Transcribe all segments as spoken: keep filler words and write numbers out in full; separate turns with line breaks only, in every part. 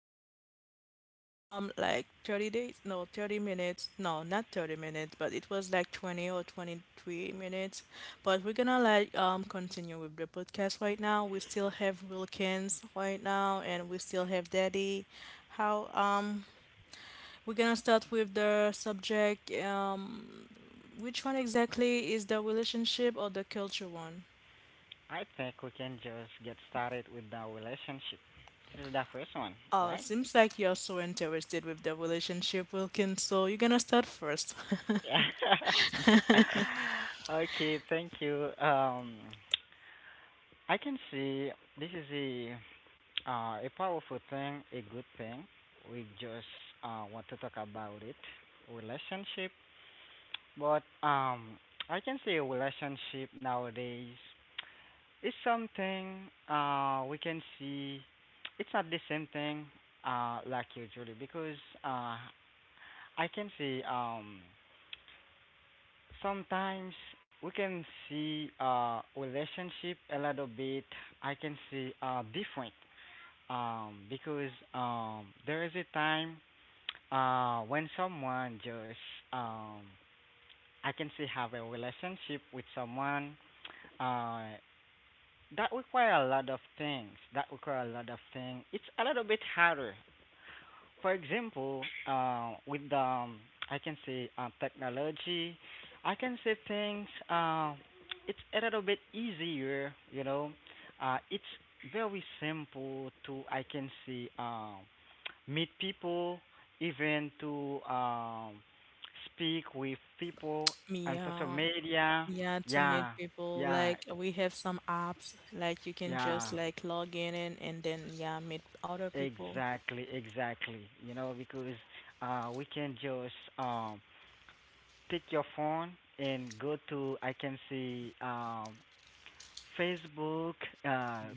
like we we had um like thirty days, no, thirty minutes, no, not thirty minutes, but it was like twenty or twenty three minutes. But we're gonna like um continue with the podcast right now. We still have Wilkins right now, and we still have Daddy. How um We're gonna start with the subject, um which one exactly is the relationship or the culture one?
I think we can just get started with the relationship. This is the first one,
Oh,
right?
seems like you're so interested with the relationship, Wilkins. So you're gonna start first.
okay, thank you. Um, I can see this is a uh, a powerful thing, a good thing. We just uh, want to talk about it, relationship. But um, I can see a relationship nowadays. It's something uh we can see it's not the same thing uh like usually because uh I can see um sometimes we can see uh relationship a little bit, I can see uh different, um because um there is a time uh when someone just um I can say have a relationship with someone. uh That require a lot of things. That require a lot of things. It's a little bit harder. For example, uh, with the um, I can say uh, technology, I can say things. Uh, it's a little bit easier, you know. Uh, it's very simple to I can say um, meet people, even to um, speak with people on social
Yeah,
media.
yeah, to meet
Yeah,
people.
yeah,
Like we have some apps, like you can just
yeah.
like log in and, and then, yeah, meet other people.
Exactly, exactly. You know, because uh, we can just um, pick your phone and go to, I can see um, Facebook, uh,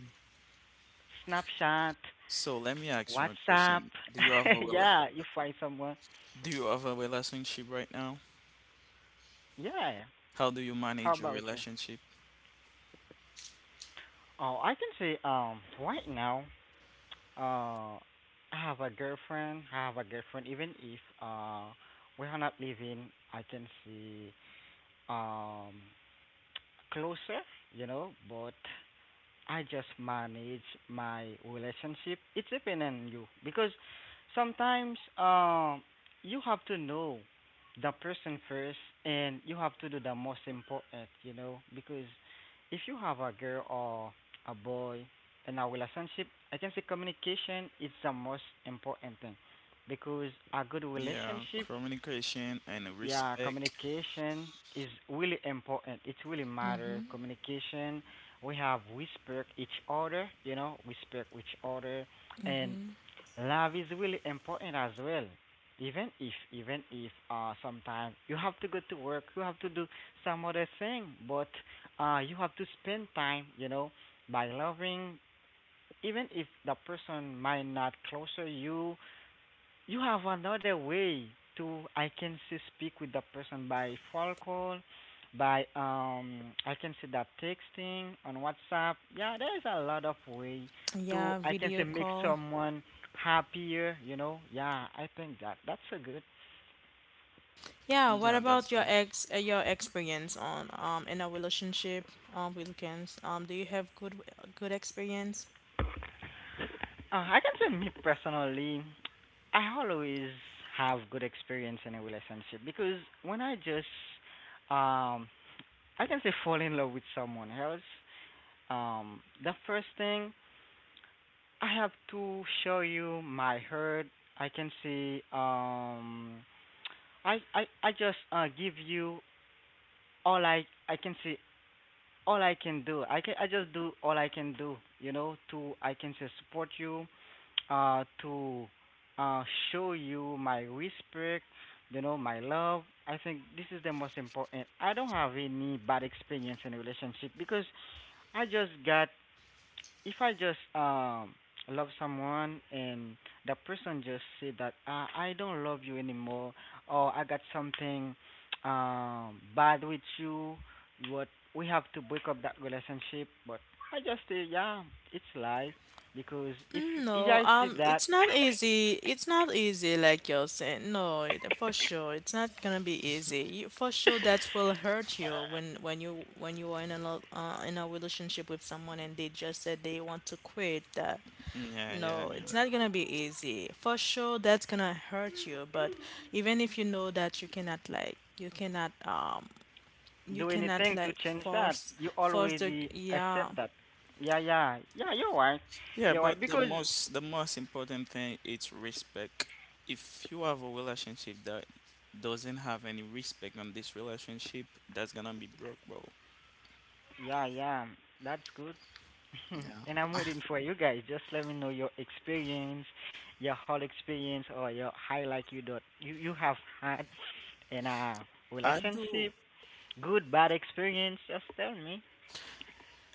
Snapchat,
So let me ask you a
WhatsApp.
question. Do you have a rela-
yeah, you find someone.
do you have a relationship right now?
Yeah.
How do you
How
manage your
about you?
relationship?
Oh, I can say um, right now, uh, I have a girlfriend. I have a girlfriend. Even if uh, we're not living, I can see um closer, you know, but I just manage my relationship. It's depend on you because sometimes uh, you have to know the person first, and you have to do the most important, you know, because if you have a girl or a boy in a relationship, I can say communication is the most important thing because a good
Yeah,
relationship,
communication and
yeah,
respect.
communication is really important. It really matter. Communication, we have respect each other, you know, respect each other, and love is really important as well. Even if, even if, uh, sometimes you have to go to work, you have to do some other thing, but uh, you have to spend time, you know, by loving, even if the person might not closer you, you have another way to I can see speak with the person by phone call, by um I can see that texting on WhatsApp. Yeah, there is a lot of way to
Yeah,
I can say
video
make
call.
someone happier, you know. Yeah, I think that that's a good.
Yeah, what
Yeah, that's
about your
good.
ex uh, your experience on, um in a relationship, um with Wilkins? Um, do you have good good experience?
Uh, I can say me personally, I always have good experience in a relationship because when I just um I can say fall in love with someone else, um the first thing I have to show you my herd. I can see um I I I just uh give you all I I can see, all I can do. I can I just do all I can do, you know, to I can say support you, uh to uh show you my respect, you know, my love. I think this is the most important. I don't have any bad experience in a relationship because I just got, if I just um love someone and the person just say that uh, I don't love you anymore, or I got something um bad with you, what we have to break up that relationship. But I just say, yeah, it's life because if if
No,
I see
um,
that,
it's not easy. It's not easy, like you're saying. No, it, for sure, it's not gonna be easy. You, for sure, that will hurt you when when you when you are in a lo- uh, in a relationship with someone and they just said they want to quit. That,
Yeah, yeah,
no,
yeah.
it's not gonna be easy. For sure, that's gonna hurt you. But even if you know that you cannot like you cannot um you
do
cannot
anything to
like
change that.
force
You
force the,
already
yeah.
accept that. Yeah, yeah, yeah. You're right.
Yeah,
You're
but
right
the
because
most the most important thing is respect. If you have a relationship that doesn't have any respect on this relationship, that's gonna be broke, bro.
yeah, yeah. That's good.
Yeah.
and I'm waiting for you guys. Just let me know your experience, your whole experience, or your highlight you dot you you have had in a
I do
relationship, good bad experience. Just tell me.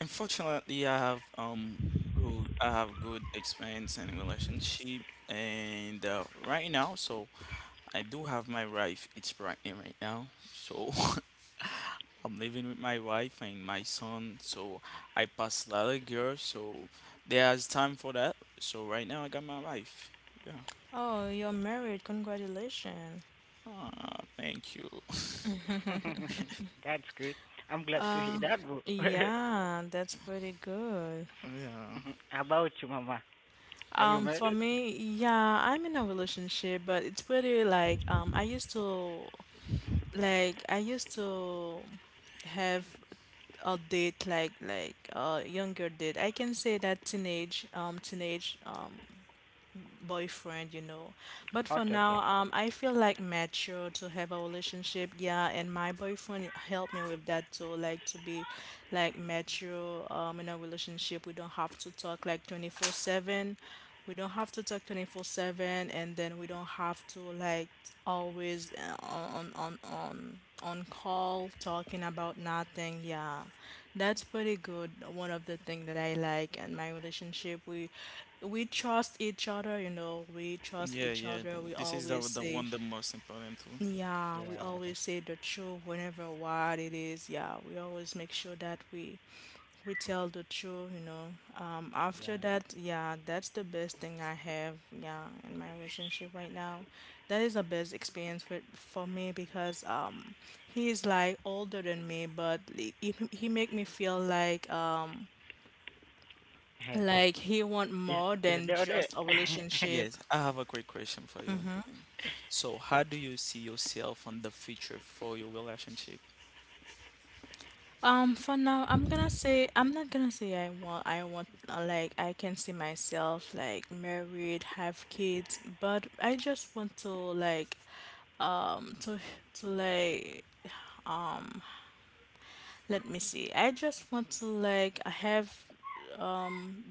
Unfortunately, I have um good I have good experience in relationship and uh, right now, so I do have my wife. It's pregnant right now, so I'm living with my wife and my son. So I pass a lot of girls, so there's time for that. So right now, I got my wife. Yeah.
Oh, you're married. Congratulations.
Ah, thank you.
That's good. I'm glad to hear
Uh,
that. Bro.
yeah, that's pretty good.
Yeah.
How about you, Mama. Are you
Um, for
married?
me, yeah, I'm in a relationship, but it's pretty like, um, I used to, like I used to have a date like, like a younger date. I can say that teenage um teenage um boyfriend, you know. But for
Okay,
now,
okay.
um, I feel like mature to have a relationship. Yeah, and my boyfriend helped me with that too. Like to be like mature, um, in a relationship. We don't have to talk like twenty-four seven. We don't have to talk twenty-four seven, and then we don't have to like always, uh, on on on on call talking about nothing. Yeah, that's pretty good. One of the things that I like in my relationship, we we trust each other. You know, we trust
Yeah,
each
yeah.
other.
th-
We
This is the
always
the one
say
the most important too.
Yeah, we always say the truth whenever what it is. Yeah, we always make sure that we we tell the truth, you know. Um, after that, yeah, that's the best thing I have, yeah, in my relationship right now. That is the best experience with, for me because um he is like older than me, but he, he he make me feel like, um
Hey,
like he want
Is
more
is
than
there there?
just a relationship.
Yes, I have a quick question for you. So, how do you see yourself on the future for your relationship?
Um, for now, I'm gonna say, I'm not gonna say I want I want uh, like I can see myself like married, have kids, but I just want to like, um to to like, let me see. I just want to like have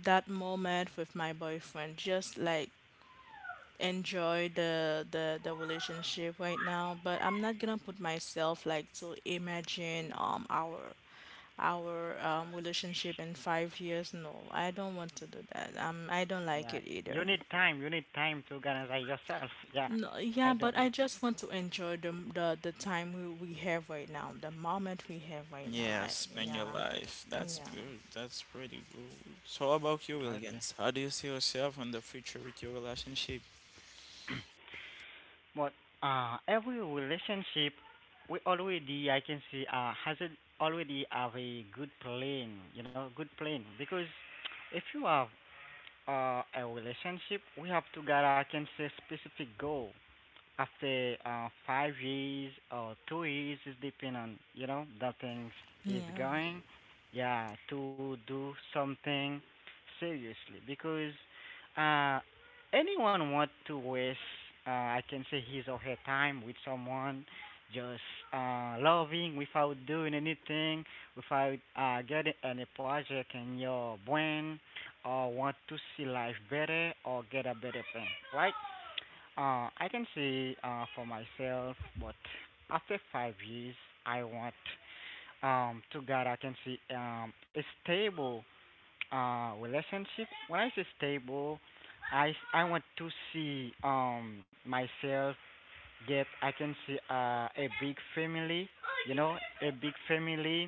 that moment with my boyfriend, just like enjoy the the the relationship right now, but I'm not gonna put myself like to imagine, um our our um relationship in five years. No, I don't want to do that. um I don't like
yeah,
it
you
either.
need time. You need time to organize yourself. Yeah,
No,
I
yeah,
don't.
but I just want to enjoy the the, the time we, we have right now, the moment we have right now.
Yeah,
I,
spend your
yeah,
life. That's good. That's pretty good. So, how about you,
Okay.
Williams? How do you see yourself in the future with your relationship?
But uh, every relationship, we already, I can see uh, has it already have a good plan. You know, good plan because if you have uh, a relationship, we have to get I can say specific goal after uh, five years or two years, is depending on, you know, that things
yeah,
is
yeah.
going. Yeah, to do something seriously because uh, anyone want to waste uh, I can say his or her time with someone just uh, loving without doing anything, without uh, getting any project in your brain or want to see life better or get a better thing, right? Uh, I can say uh, for myself, but after five years, I want um, to God. I can see um, a stable uh, relationship. When I say stable, I I want to see um, myself get. I can see uh, a big family. You know, a big family.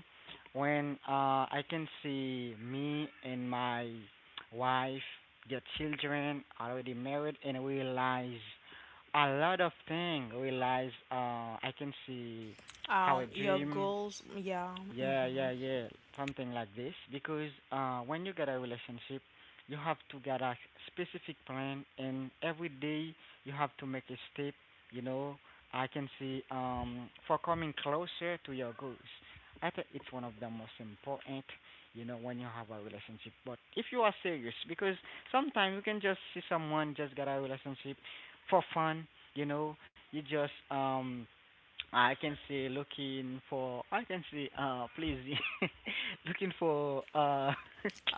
When uh, I can see me and my wife get children, already married, and realize a lot of things, realize uh I can see how
Um,
a
your
dream,
goals, yeah.
yeah,
Mhm.
yeah, yeah. Something like this. Because uh, when you get a relationship, you have to get a specific plan, and every day you have to make a step. You know, I can see um, for coming closer to your goals. I think it's one of the most important. You know, when you have a relationship, but if you are serious, because sometimes you can just see someone just get a relationship for fun. You know, you just um I can see looking for, I can see uh please looking for uh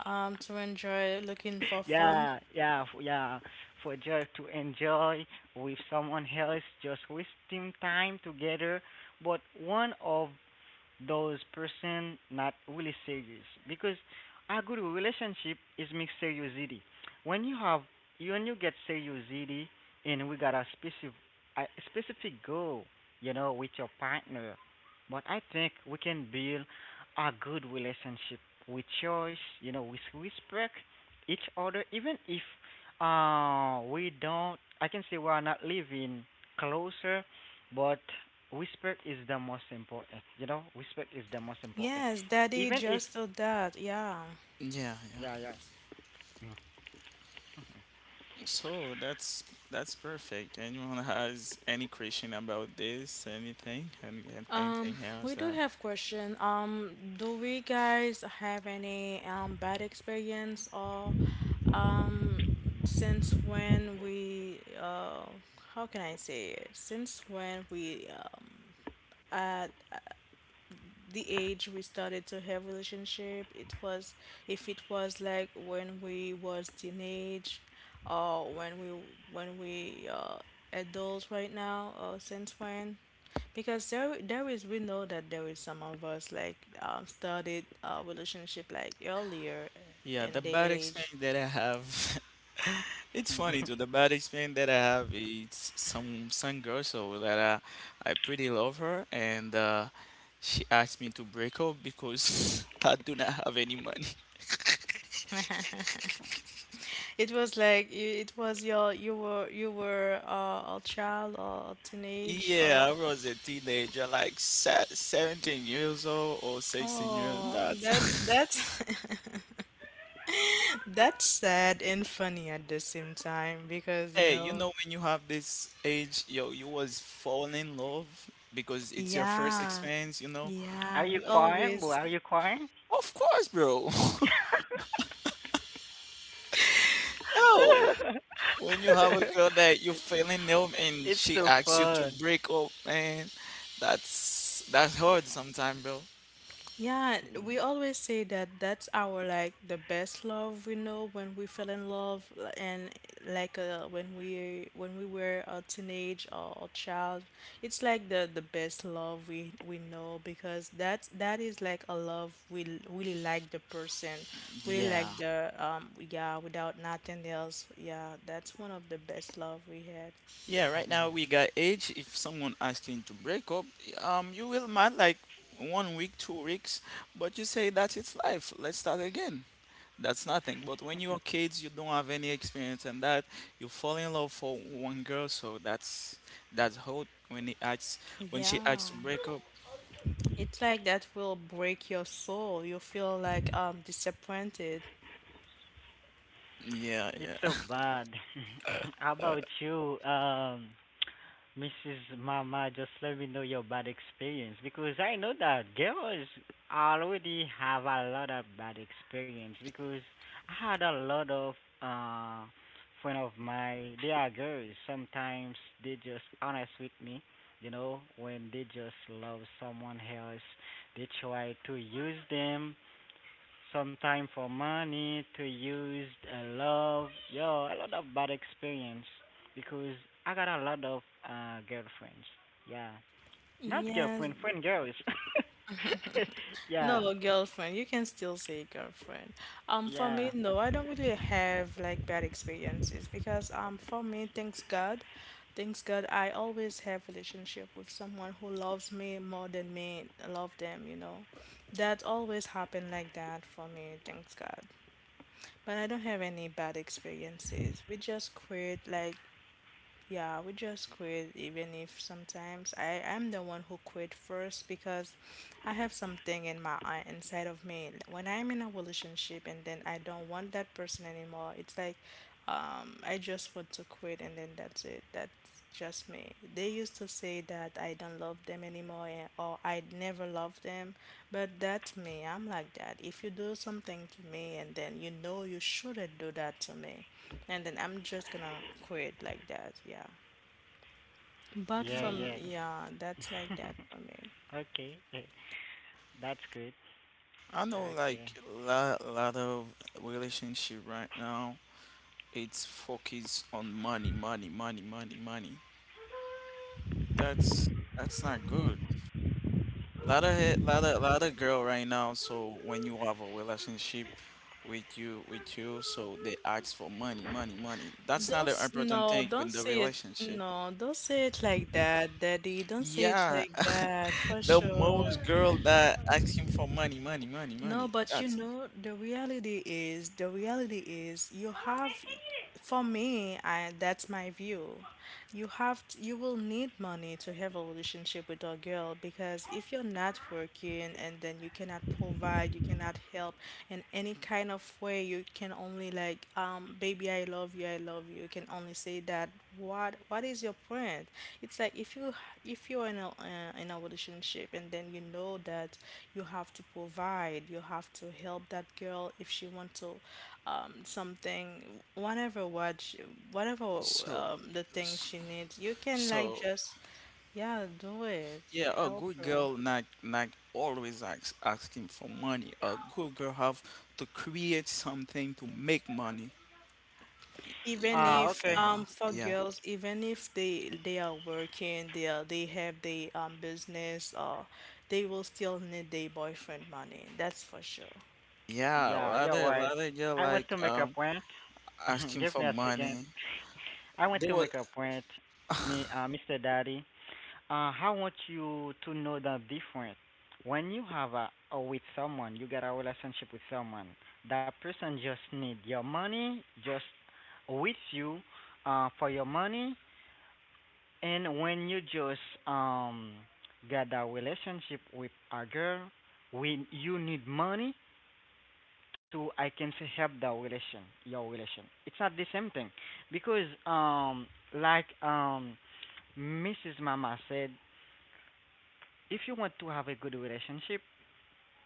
Um, to enjoy, looking for fun.
yeah yeah f- yeah for just to enjoy with someone else just wasting time together, but one of those person not really serious because a good relationship is mixed seriousity. When you have, when you get seriousity and we got a specific a specific goal, you know, with your partner, but I think we can build a good relationship with choice, you know, with respect each other, even if uh we don't. I can say we are not living closer, but Whisper is the most important. You know, whisper is the most important.
Yes, Daddy
Even if
just did that. Yeah.
Yeah, yeah.
yeah yeah. Mm.
So that's that's perfect. Anyone has any question about this? Anything? Any, an-
Um,
anything else
we do
that?
have question. Um, do we guys have any um bad experience, or um since when we uh how can I say it? Since when we, um, had the age we started to have relationship, it was, if it was like when we was teenage, or when we, when we uh adults right now, or since when, because there there is, we know that there is some of us like, um started a relationship like earlier
Yeah,
in
the
the
bad
age.
experience that I have. It's funny too. The bad experience that I have is some some girl so that I I pretty love her and uh, she asked me to break up because I do not have any money.
It was like you- it was your you were you were uh, a child or a teenage
Yeah,
or,
I was a teenager, like se- seventeen years old or sixteen years old.
oh, that that
That's
That's sad and funny at the same time because, you
hey, you
know,
know when you have this age, yo, you was falling in love because it's your first
yeah,
experience, you know.
Are
yeah,
you
we
Uh, you-
crying, boy?
always.
Are you crying?
Of course, bro. Yo, when you have a girl that you
it's
fell in love and
it's
she
so
asks you to
fun.
break up, man, that's that's hard sometimes, bro.
Yeah, we always say that that's our like the best love we know, when we fell in love, l- and like uh, when we when we were a teenage or a child, it's like the the best love we we know, because that that is like a love we l- really like the person, really
Yeah.
like the, um yeah, without nothing else. Yeah, that's one of the best love we had.
Yeah, right now we got age. If someone asking to break up, um, you will mad like one week, two weeks, but you say that it's life. Let's start again. That's nothing. But when you are kids, you don't have any experience and that. You fall in love for one girl, so that's that's hard when he asks when she
Yeah,
asks to break up.
it's like that will break your soul. You feel like, um disappointed.
Yeah,
It's so bad. How about you, um, missus Mama? Just let me know your bad experience because I know that girls already have a lot of bad experience because I had a lot of uh friend of mine. They are girls. Sometimes they just honest with me. You know, when they just love someone else, they try to use them sometime for money to use a love. Yo, a lot of bad experience because I got a lot of uh girlfriends. Yeah. Not
Yes,
girlfriend, friend girls. yeah.
no, girlfriend. You can still say girlfriend. Um, for me,
Yeah.
no, I
Okay.
don't really have like bad experiences, because, um, for me, thanks God, thanks God, I always have relationship with someone who loves me more than me love them. You know, that always happened like that for me. Thanks God. But I don't have any bad experiences. We just create like Yeah, we just quit, even if sometimes I am the one who quit first, because I have something in my eye inside of me. When I'm in a relationship and then I don't want that person anymore, it's like, um, I just want to quit, and then that's it. That's just me. They used to say that I don't love them anymore, and- or I never love them, but that's me. I'm like that. If you do something to me and then you know you shouldn't do that to me, and then I'm just gonna quit like that. Yeah. But
Yeah,
yeah.
from
yeah.
Yeah, that's like that for me.
okay. eh, that's good.
I know like
Okay.
a lot, lot of relationship right now, it's focused on money, money, money, money, money. That's that's not good. Lot of he- lot of lot of girl right now. So when you have a relationship with you with you, so they ask for money, money, money. That's
Don't
not an
s-
important
No,
thing in
don't
the
say it.
relationship.
No, don't say it like that, Daddy. Don't say it
Yeah,
like that for
the
sure.
most girl that asking for money, money, money,
No,
money.
but you
That's
know, the reality is, the reality is, you have, for me, I that's my view. You have, t You will need money to have a relationship with a girl, because if you're not working and then you cannot provide, you cannot help in any kind of way, you can only like, um, baby, I love you, I love you. You can only say that. What what is your point? It's like if you if you're in a, uh, in a relationship, and then you know that you have to provide, you have to help that girl if she wants to, um something, whatever what she, whatever,
so,
um the thing she needs, you can like
so.
just, yeah, do it,
Yeah, a
help
good
her.
girl not not always ask, asking for money. A good girl have to create something to make money.
Even
Uh,
Ah,
if,
okay.
yeah,
um for
yeah,
girls, even if they they are working, they are they have their, um business, or they will still need their boyfriend money. That's for sure.
yeah.
Yeah, you're
Other
right.
other girl
I want
like
to make a
um
point.
asking
Give
for
me a second.
money.
I want
They
to
were
make a point, me, uh, mister Daddy. Uh, I want you to know the difference. When you have a, a with someone, you get a relationship with someone. That person just need your money, just with you, uh, for your money. And when you just um get a relationship with a girl, when you need money, to I can say help the relation, your relation. It's not the same thing because um like um missus Mama said, if you want to have a good relationship,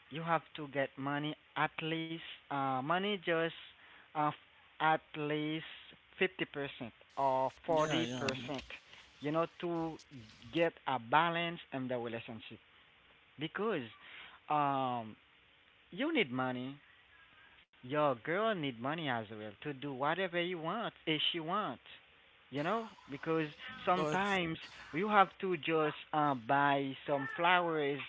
you have to get money at least uh money just uh at least fifty percent or
yeah, yeah, yeah.
forty percent, you know, to get a balance in the relationship because um you need money. Your girl need money as well to do whatever you want if she wants. You know, because
But
sometimes you have to just uh, buy some flowers,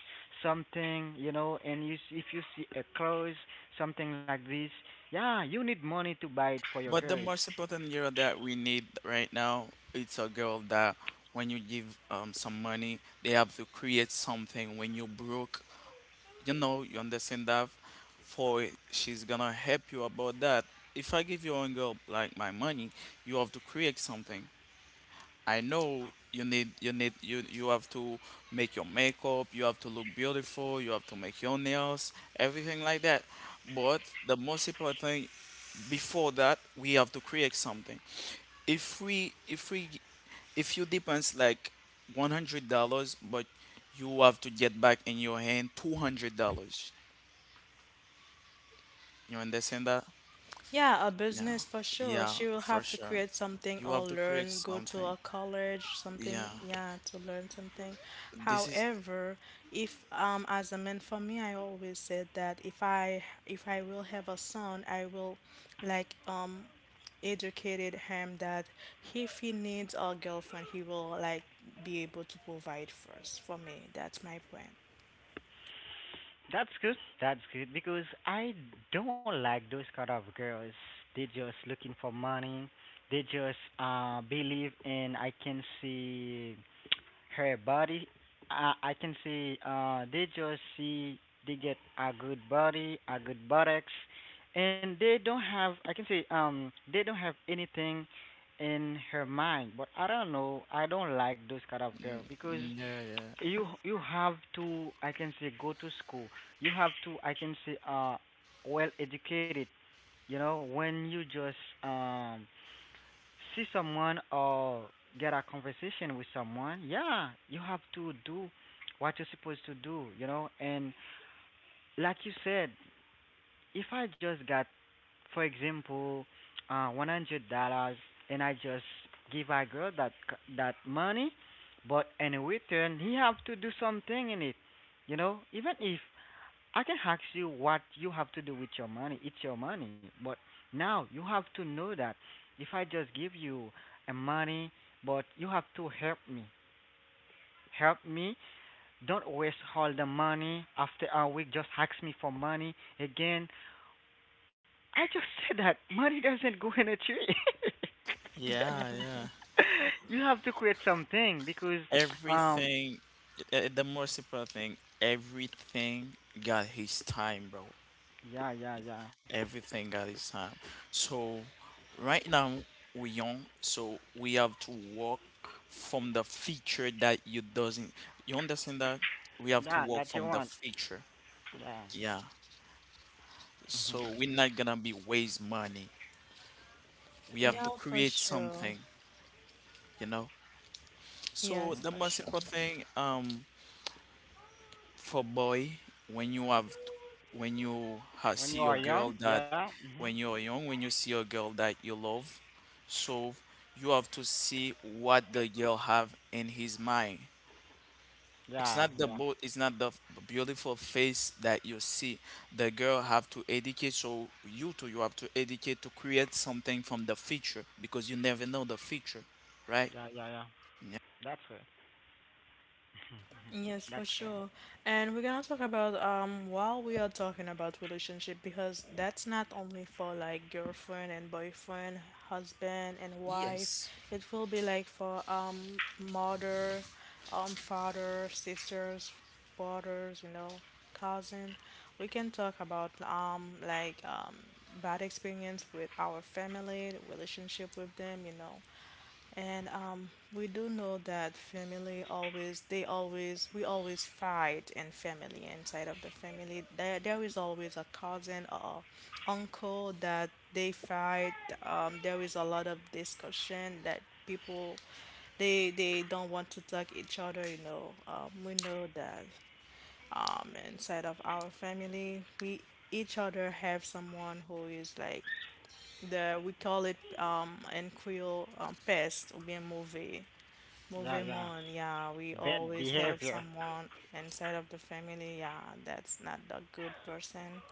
something, you know, and you s- if you see a clothes, something like this, yeah, you need money to buy it for your
but the
girls.
most important girl that we need right now, it's a girl that when you give um some money, they have to create something. When you broke, you know, you understand that for she's gonna help you about that. If I give you a girl like my money, you have to create something. I know you need you need you you have to make your makeup, you have to look beautiful, you have to make your nails, everything like that. But the most important thing before that we have to create something. If we if we if you depends like one hundred dollars but you have to get back in your hand two hundred dollars, you understand that?
Yeah, a
Yeah,
business for sure.
yeah,
She will
for
have to
sure.
create something
You
or
have to create
learn, go to
something.
a college,
Yeah,
something, yeah, to learn something.
this is.
However, if um as a man, for me, I always said that if I if I will have a son, I will like, um educated him that if he needs a girlfriend, he will like be able to provide first for me. That's my point.
That's good. That's good because I don't like those kind of girls. They just looking for money. They just uh believe in, I can see, her body, I I can see. Uh, they just see they get a good body, a good buttocks, and they don't have, I can see, Um, they don't have anything in her mind. But I don't know. I don't like those kind of girl because
Mm, yeah, yeah,
you you have to, I can say, go to school. You have to, I can say, uh, well educated. You know when you just um see someone or get a conversation with someone, yeah, you have to do what you're supposed to do, you know. And like you said, if I just got, for example, uh, one hundred dollars, and I just give a girl that c- that money, but in return he have to do something in it, you know. Even if I can ask you what you have to do with your money. It's your money. But now you have to know that if I just give you a money, but you have to help me. Help me. Don't waste all the money. After a week, just ask me for money again. I just said that money doesn't go in a tree.
yeah, yeah.
You have to create something because, um,
Everything, uh, the more simple thing, everything got his time, bro.
yeah, yeah, yeah,
Everything got his time. So, right now, we young, so we have to work from the feature that you doesn't. You understand that? We have to
yeah,
work
that you
from the
want.
feature.
Yeah.
Yeah, so
Hmm.
we're not gonna be waste money. We have to
Yeah, for
create
sure.
something, you know. So
Yes,
the
for
most
sure.
important thing um for boy when you have when you ha
When
see
you
your
are
girl
young,
that
yeah. Hmm.
when you're young, when you see a girl that you love, so you have to see what the girl have in his mind. It's
Yeah,
not the
yeah,
beau- it's not the beautiful face that you see. The girl have to educate, so you too you have to educate to create something from the future because you never know the future, right?
yeah, yeah, yeah.
Yeah.
That's her.
Yes, for
That's her.
sure. And we're gonna talk about, um while we are talking about relationship, because that's not only for like girlfriend and boyfriend, husband and wife.
Yes.
It will be like for, um mother, um father, sisters, brothers, you know, cousin. We can talk about, um like, um bad experience with our family, the relationship with them, you know. And um, we do know that family always, they always, we always fight in family, inside of the family. There, there is always a cousin or uncle that they fight. Um, there is a lot of discussion that people, they, they don't want to talk each other, you know. Um, we know that, um, inside of our family, we each other have someone who is like, the, we call it, um in Creole, um, pest ou bien mauvais
Yeah,
mauvais
yeah.
monde. Yeah, we
Bad
always have
behavior.
someone inside of the family. Yeah, that's not the good person.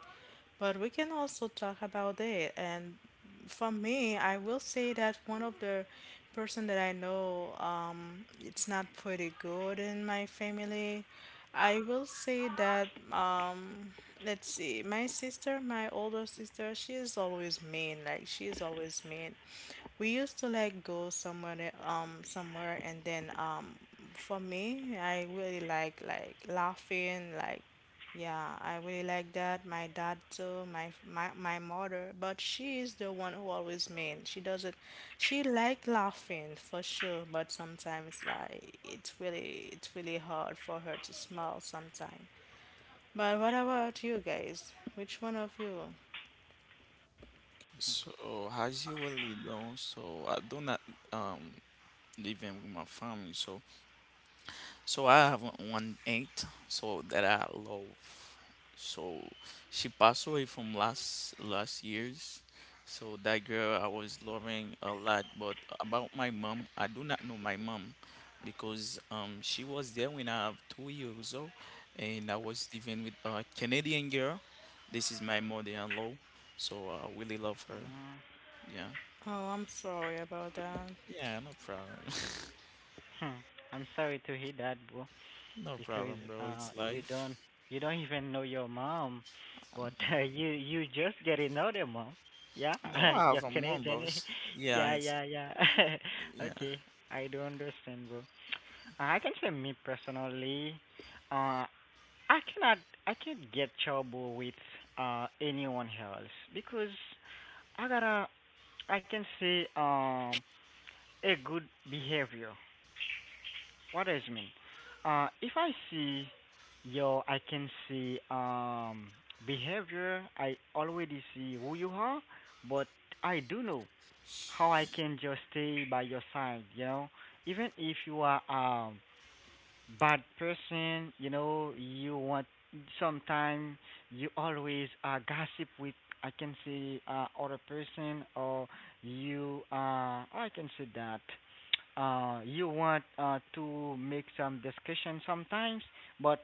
But we can also talk about it. And for me, I will say that one of the person that I know, um, it's not pretty good in my family. I will say that, um, let's see, my sister, my older sister, she is always mean. Like, she is always mean. We used to like go somewhere that- um somewhere, and then, um for me, I really like, like laughing like, yeah, I really like that, my dad too, my my my mother. But she is the one who always mean. She doesn't, she like laughing for sure, but sometimes like, it's really it's really hard for her to smile sometimes. But what about you guys, which one of you?
So as you already know, so I do not um living with my family, so so I have one one aunt, so that I love. So she passed away from last last years. So that girl I was loving a lot. But about my mom, I do not know my mom because um she was there when I was two years old, and I was living with a Canadian girl. This is my mother-in-law, so I really love her. Yeah,
Oh, I'm sorry about that.
yeah, no problem,
Hmm. I'm sorry to hear that, bro.
no
Because
problem, bro.
uh,
It's
you don't,
life.
you don't even know your mom, but uh, you you just get another mom. Yeah,
No, I
you're
have a mom, bro.
Canadian.
Yeah,
Yeah,
it's
yeah, yeah.
yeah,
Okay, I do understand, bro. Uh, I can say me personally, uh, I cannot, I can't get trouble with uh anyone else because I gotta, I can say, um, a good behavior. What does it mean? Uh, if I see your, I can see, um, behavior, I already see who you are, but I do know how I can just stay by your side, you know? Even if you are, um, bad person, you know, you want sometime you always uh gossip with I can say uh other person or you uh I can say that uh you want uh to make some discussion sometimes but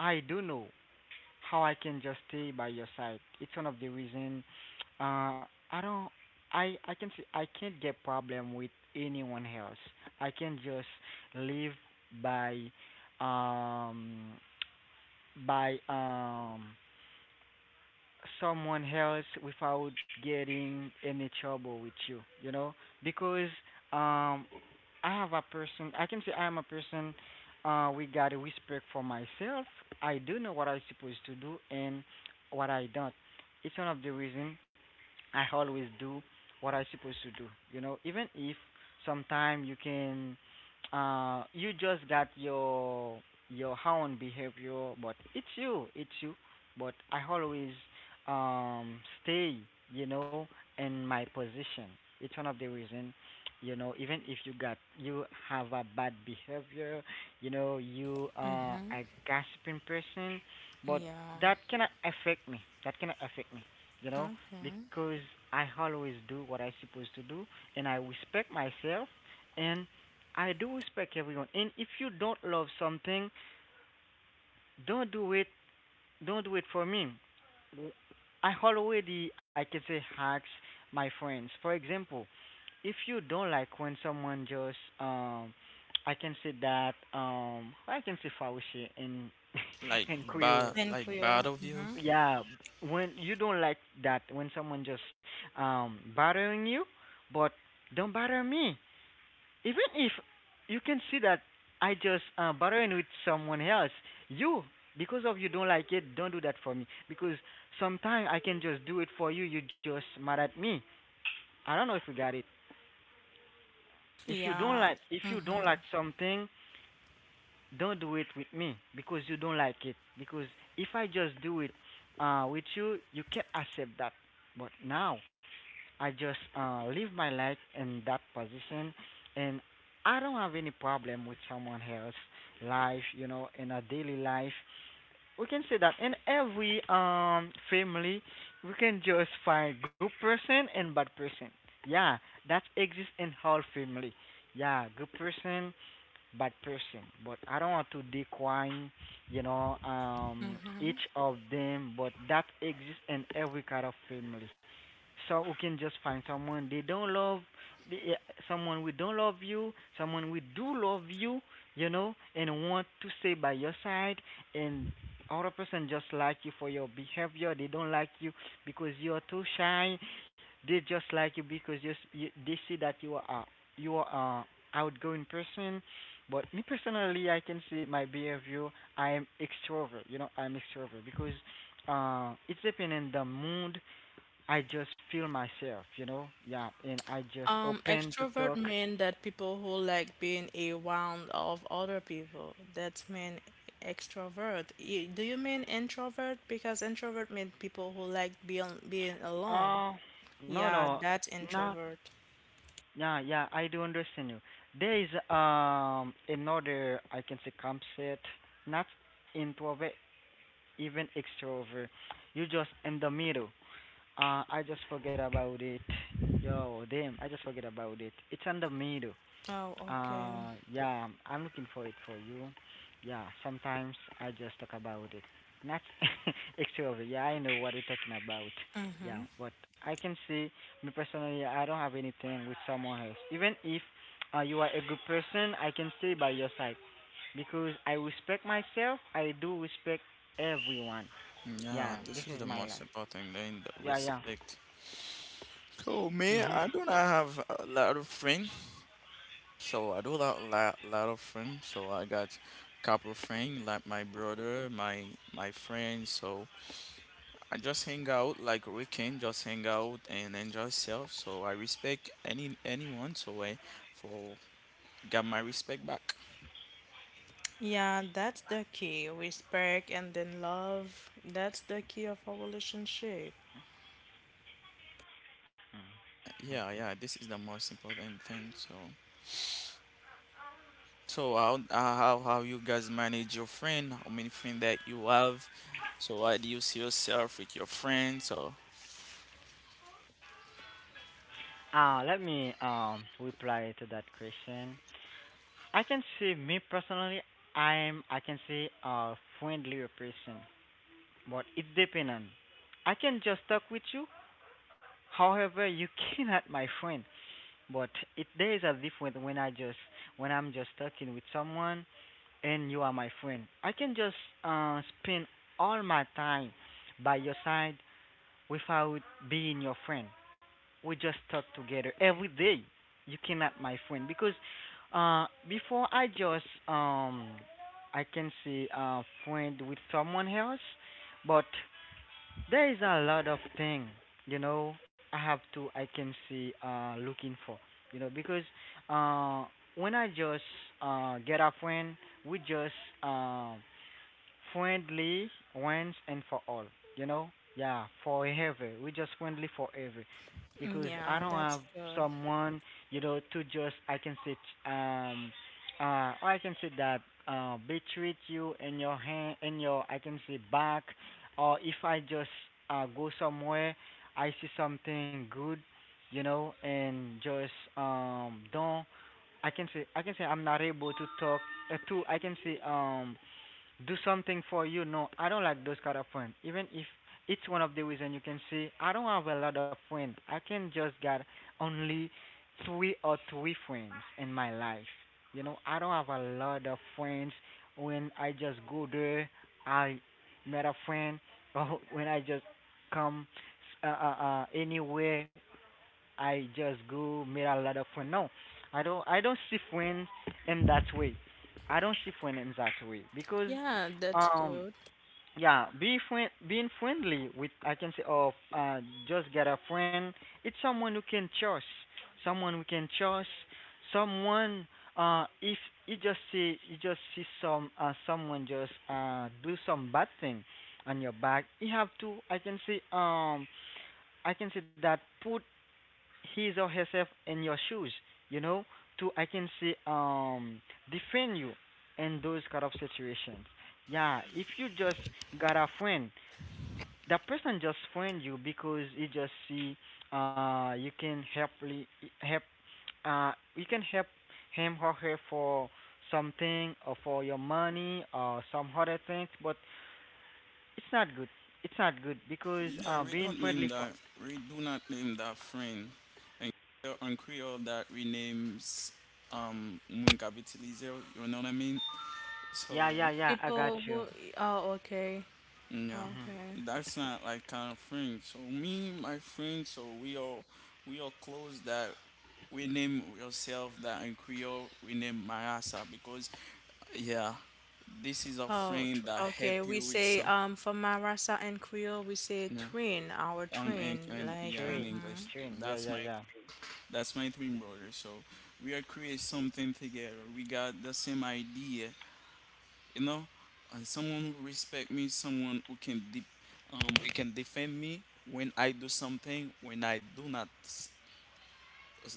I do know how I can just stay by your side. It's one of the reason uh I don't, I I can see I can't get problem with anyone else. I can just live by um by um someone else without getting any trouble with you, you know? Because um I have a person, I can say I am a person, uh we got a respect for myself. I do know what I supposed to do and what I don't. It's one of the reason I always do what I supposed to do. You know, even if sometime you can, uh, you just got your your own behavior, but it's you, it's you. But I always um stay, you know, in my position. It's one of the reason, you know, even if you got you have a bad behavior, you know, you are
Mm-hmm.
a gossiping person, but
Yeah.
that cannot affect me. That cannot affect me. You know,
Okay.
because I always do what I supposed to do, and I respect myself, and I do respect everyone. And if you don't love something, don't do it. Don't do it for me. I already, I can say, hacks my friends. For example, if you don't like when someone just, um, I can say that, um, I can say faushe in
like
in Creole.
bad,
Thank
like bad
you.
of you.
Mm-hmm.
Yeah, when you don't like that when someone just um bothering you, but don't bother me, even if you can see that I just uh, bothering with someone else, you, because of you don't like it, don't do that for me, because sometimes I can just do it for you, you just mad at me. I don't know if you got it. If you don't
Yeah.
like, if you don't
Mm-hmm.
like something, don't do it with me because you don't like it, because if I just do it uh with you, you can't accept that. But now I just uh, live my life in that position, and I don't have any problem with someone else' life, you know, in a daily life. We can say that in every um family, we can just find good person and bad person. Yeah, that exists in whole family. Yeah, good person, bad person, but I don't want to decline, you know, um,
Mm-hmm.
each of them, but that exists in every kind of family. So we can just find someone they don't love, the, eh, someone we don't love you, someone we do love you, you know, and want to stay by your side, and other person just like you for your behavior. They don't like you because you are too shy. They just like you because you, s- you they see that you are a- you are a outgoing person. But me personally, I can say my behavior. I am extrovert. You know, I'm extrovert because uh, it's depending on the mood. I just feel myself. You know, yeah, and I just
Um,
open to
extrovert
talk.
mean that people who like being around of other people. That mean extrovert. Y- Do you mean introvert? Because introvert mean people who like being being alone.
Uh, no,
Yeah,
no,
that's
not.
introvert.
Yeah, yeah, I do understand you. There is um another, I can say, concept, not introvert, even extrovert. You just in the middle. Uh, I just forget about it. Yo, damn, I just forget about it. It's on the middle.
Oh, okay.
Uh, yeah, I'm looking for it for you. Yeah, sometimes I just talk about it. Not extrovert. Yeah, I know what you're talking about. Yeah,
Mm-hmm.
but I can see, me personally, I don't have anything with someone else. Even if uh, you are a good person, I can stay by your side because I respect myself. I do respect everyone.
Yeah,
Yeah, this
this is
is
the
my
most
life.
important thing, the
Yeah, yeah.
respect. So me,
Mhm.
I do not have a lot of friends. So I do not lot lot of friends. So I got couple friends like my brother, my my friends. So I just hang out like weekend, just hang out and enjoy self. So I respect any anyone. So I for got my respect back.
Yeah, that's the key. Respect and then love. That's the key of our relationship.
Yeah, yeah, this is the most important thing. So, so how uh, how how you guys manage your friend? How many friends that you have? So, how do you see yourself with your friends? So,
Uh, let me um reply to that question. I can see me personally. I'm I can see a friendlier person, but it's dependent. I can just talk with you. However, you cannot my friend. But it there is a difference when I just when I'm just talking with someone, and you are my friend. I can just uh spend all my time by your side without being your friend. We just talk together every day. You cannot, my friend, because uh, before I just um, I can say uh, friend with someone else, but there is a lot of thing, you know. I have to, I can say, uh, looking for, you know, because uh, when I just uh, get a friend, we just um friendly once and for all. You know, yeah, forever. We just friendly forever,
Mm,
because I
yeah,
don't
that's
have
good.
someone, you know, to just I can sit um uh or I can say that uh betreat you in your hand in your, I can say, back, or if I just uh go somewhere, I see something good, you know, and just um don't, I can say, I can say I'm not able to talk uh, to I can say um do something for you. No, I don't like those kind of friends. Even if it's one of the reason you can see, I don't have a lot of friends. I can just got only three or three friends in my life. You know, I don't have a lot of friends. When I just go there, I met a friend. Or when I just come uh, uh, uh, anywhere I just go made a lot of friends. No, I don't. I don't see friends in that way. I don't see friends in that way because,
Yeah, that's
um,
good.
yeah, be friend, being friendly with, I can say, oh, uh, just get a friend. It's someone who can trust, someone who can trust, someone. Uh, if you just see, you just see some, uh, someone just uh do some bad thing on your back, you have to. I can say, um, I can say that put his or herself in your shoes, you know, to I can say um defend you in those kind of situations. Yeah, if you just got a friend, that person just friend you because you just see uh you can help li- help uh you can help him or her for something or for your money or some other things, but it's not good. It's not good because
yeah,
uh
we
being
don't name
friendly for
that. We do not name that friend. And on Creole, that renames um, Munkabitilizo, you know what I mean? So
yeah, yeah, yeah, I got
People
you.
who, oh, okay,
yeah,
Mhm.
okay.
that's not like kind of friend. So me, my friend, so we all we all close that we name yourself that in Creole we name Mayasa because yeah, this is a
Oh,
friend
tr
that help
okay. We
you with
say,
some.
um, for Marasa and Creole, we say
Yeah.
train, our
Um and,
train,
and
like,
yeah in
Train,
mm-hmm.
English.
train. Yeah, yeah,
That's my
yeah.
three, that's my twin brother. So we are create something together. We got the same idea, you know, and someone who respect me, someone who can de- um who can defend me when I do something, when I do not s-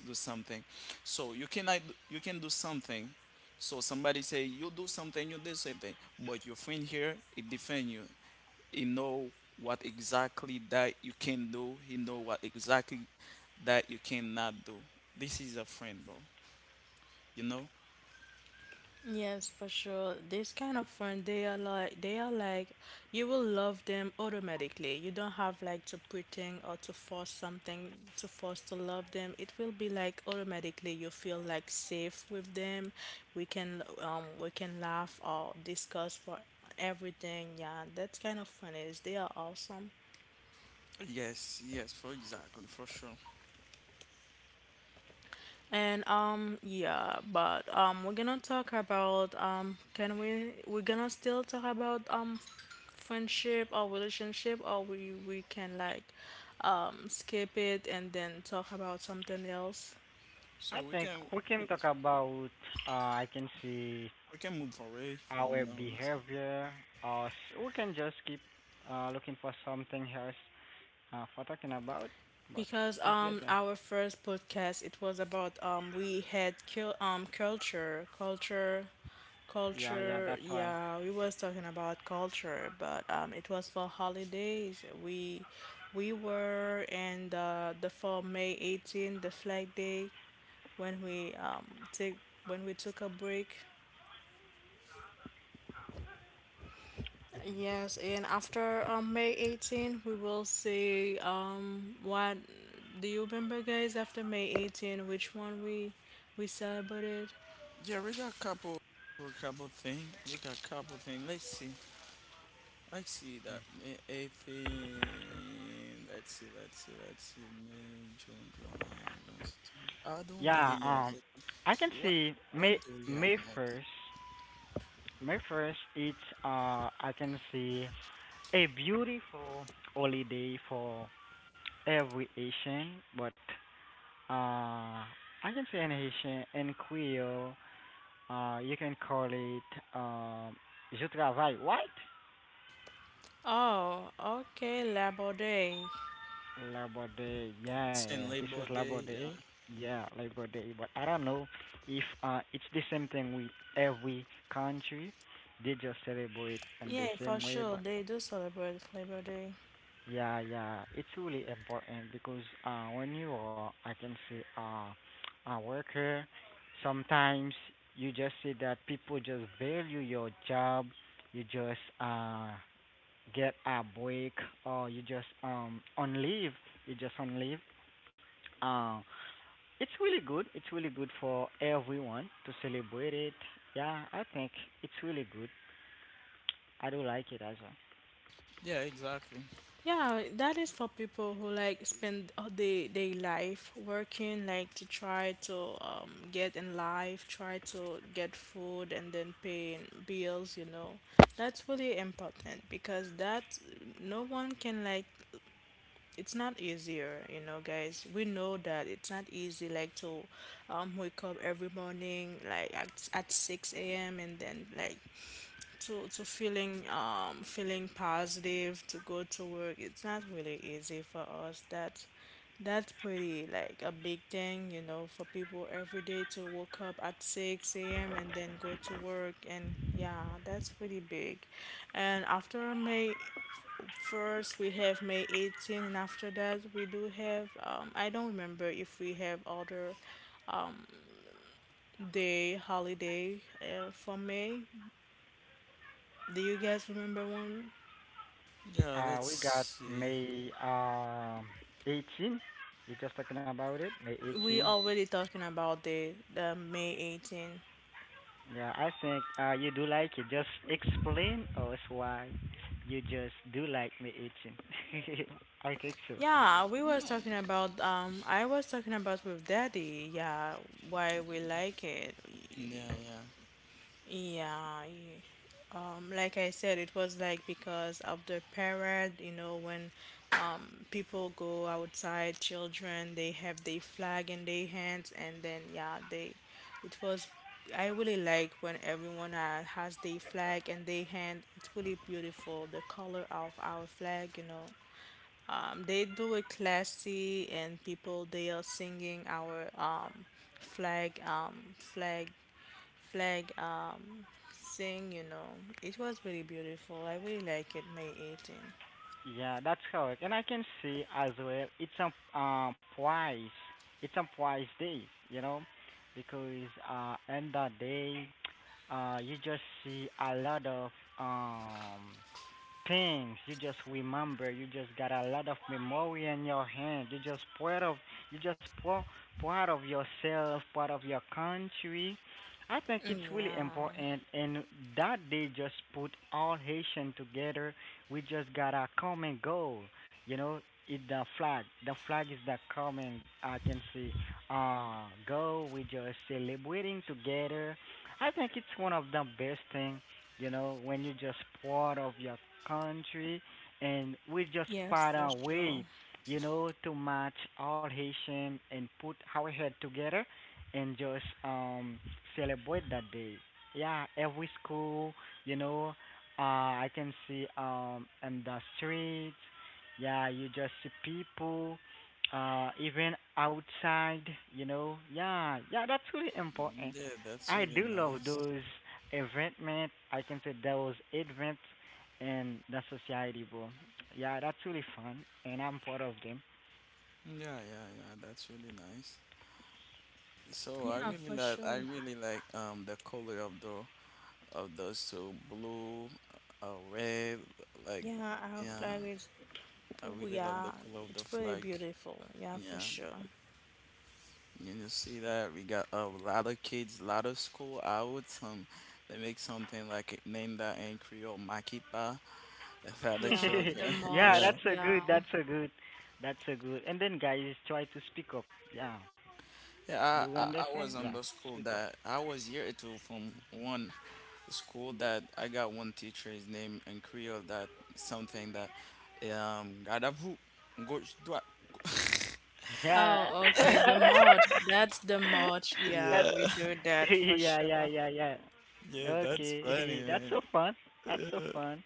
do something, so you can I, you can do something, so somebody say you do something, you do something, but your friend here he defend you. He know what exactly that you can do, he know what exactly that you cannot do. This is a friend, bro, you know.
Yes, for sure. This kind of friend, they are like they are like you will love them automatically. You don't have like to pretend or to force something to force to love them. It will be like automatically you feel like safe with them. We can um we can laugh or discuss for everything. Yeah, that's kind of fun. Is they are awesome.
Yes, yes, for exactly for sure,
And um yeah, but um we're gonna talk about um can we we're gonna still talk about um f- friendship or relationship, or we we can like um skip it and then talk about something else.
I
so we
think
can.
we can talk about uh I can see
We can move away from
our
now.
behavior. Uh s- we can just keep uh looking for something else uh for talking about. But
Because
it's
um
okay.
our first podcast, it was about um we had cul- um culture culture
Yeah, yeah,
culture,
that's why.
yeah, we was talking about culture, but um it was for holidays, we we were in the the for May eighteenth, the flag day, when we um take when we took a break. Yes, and after um, May eighteenth, we will see um what do you remember, guys? After May eighteenth, which one we we celebrated?
Yeah, we got couple, we got couple thing. We got couple thing. Let's see. Let's see that. May eighteenth. Let's see. Let's see. Let's see. May, June, July, August, September. I don't
Yeah,
really know
um
exactly
I can
what.
see May
What do we have
May
next?
first. May first it's uh I can see a beautiful holiday for every Asian, but uh, I can say in Haitian, in Creole, uh, you can call it, um, je travaille, right?
Oh, okay, Labor Day.
Labor Day,
It's
yeah,
in
this is
Labor
Labor
Day. Yeah.
Day, yeah, Labor Day. But I don't know if uh, it's the same thing with every country. They just celebrate in the
Yeah,
same
for
way,
sure.
but
They do celebrate Labor Day.
yeah, yeah, it's really important because uh, when you are, I can say, uh, a worker, sometimes you just see that people just value your job. You just uh, get a break, or you just um on leave. You just on leave. Uh, it's really good. It's really good for everyone to celebrate it. Yeah, I think it's really good. I do like it as well.
Yeah. Exactly.
Yeah, that is for people who like spend all day day life working, like to try to um, get in life, try to get food, and then paying bills. You know, that's really important because that no one can like. It's not easier, you know, guys. We know that it's not easy, like to um, wake up every morning, like at, at six a m and then like to to feeling um feeling positive to go to work. It's not really easy for us. That's that's pretty like a big thing, you know, for people every day to wake up at six a.m and then go to work. And yeah, that's pretty big. And after May first we have May eighteenth, and after that we do have um I don't remember if we have other day holiday uh, for May. Do you guys remember one?
Yeah. Let's
Uh, we got
see.
May um eighteen. You just talking about it, May
We
18.
already talking about the, the May eighteenth.
Yeah, I think uh, you do like it. Just explain us why you just do like May eighteenth. I think so.
Yeah, we was talking about um I was talking about with Daddy, yeah, why we like it.
Yeah. Yeah.
Yeah, yeah. Um, like I said, it was like because of the parade, you know, when um, people go outside, children, they have their flag in their hands, and then yeah, they, it was, I really like when everyone uh, has their flag in their hand. It's really beautiful, the color of our flag, you know. Um, they do it classy, and people they are singing our um, flag um, flag like um sing, you know. It was really beautiful. I really like it, May eighteenth.
Yeah, that's correct. And I can see as well, it's a uh, price. It's a price day, you know, because uh, end of day, uh, you just see a lot of um things. You just remember. You just got a lot of memory in your hand. You just part of you just part, part of yourself, part of your country. I think it's really
Yeah.
important, and that they just put all Haitian together. We just got a common goal. You know, it's the flag. The flag is the common. I can see. Uh, goal. We just celebrating together. I think it's one of the best thing you know, when you're just part of your country and we just
Yes,
find
for
a way,
sure.
you know, to match all Haitian and put our head together and just um celebrate that day. Yeah, every school, you know, uh I can see um in the streets, yeah, you just see people uh even outside, you know. Yeah, yeah, that's really important.
Yeah. That's
I
really
do love
nice.
those event, man. I can say that was event in the society, bro. Yeah, that's really fun, and I'm part of them.
Yeah. Yeah. Yeah. That's really nice. So I
Yeah,
really
for
like I
sure.
really like um the color of the of those so blue, uh, red, like
Yeah, our
yeah.
flag is,
I really love
yeah,
the color of
it's
the
really
flag.
beautiful. Yeah, for
Yeah,
sure.
you know, see that we got a lot of kids, a lot of school out. Um, they make something like it, name that in Creole, Makipa, for the
Yeah,
children.
the
Yeah,
Yeah.
march.
that's so
Yeah.
good, that's so good, that's so good. And then guys, try to speak up. Yeah, do
Yeah,
you
I, I I
understand?
was
Yeah,
on the school
speak up.
that I was year two from one school that I got one teacher. His name in Creole that something that um God of who gauche droite.
Yeah,
Oh, okay. The march. That's the march.
that.
Yeah,
Yeah,
we do that for
Yeah, yeah,
sure.
yeah, yeah.
yeah, that's funny,
Okay, that's
man.
so fun. That's so fun.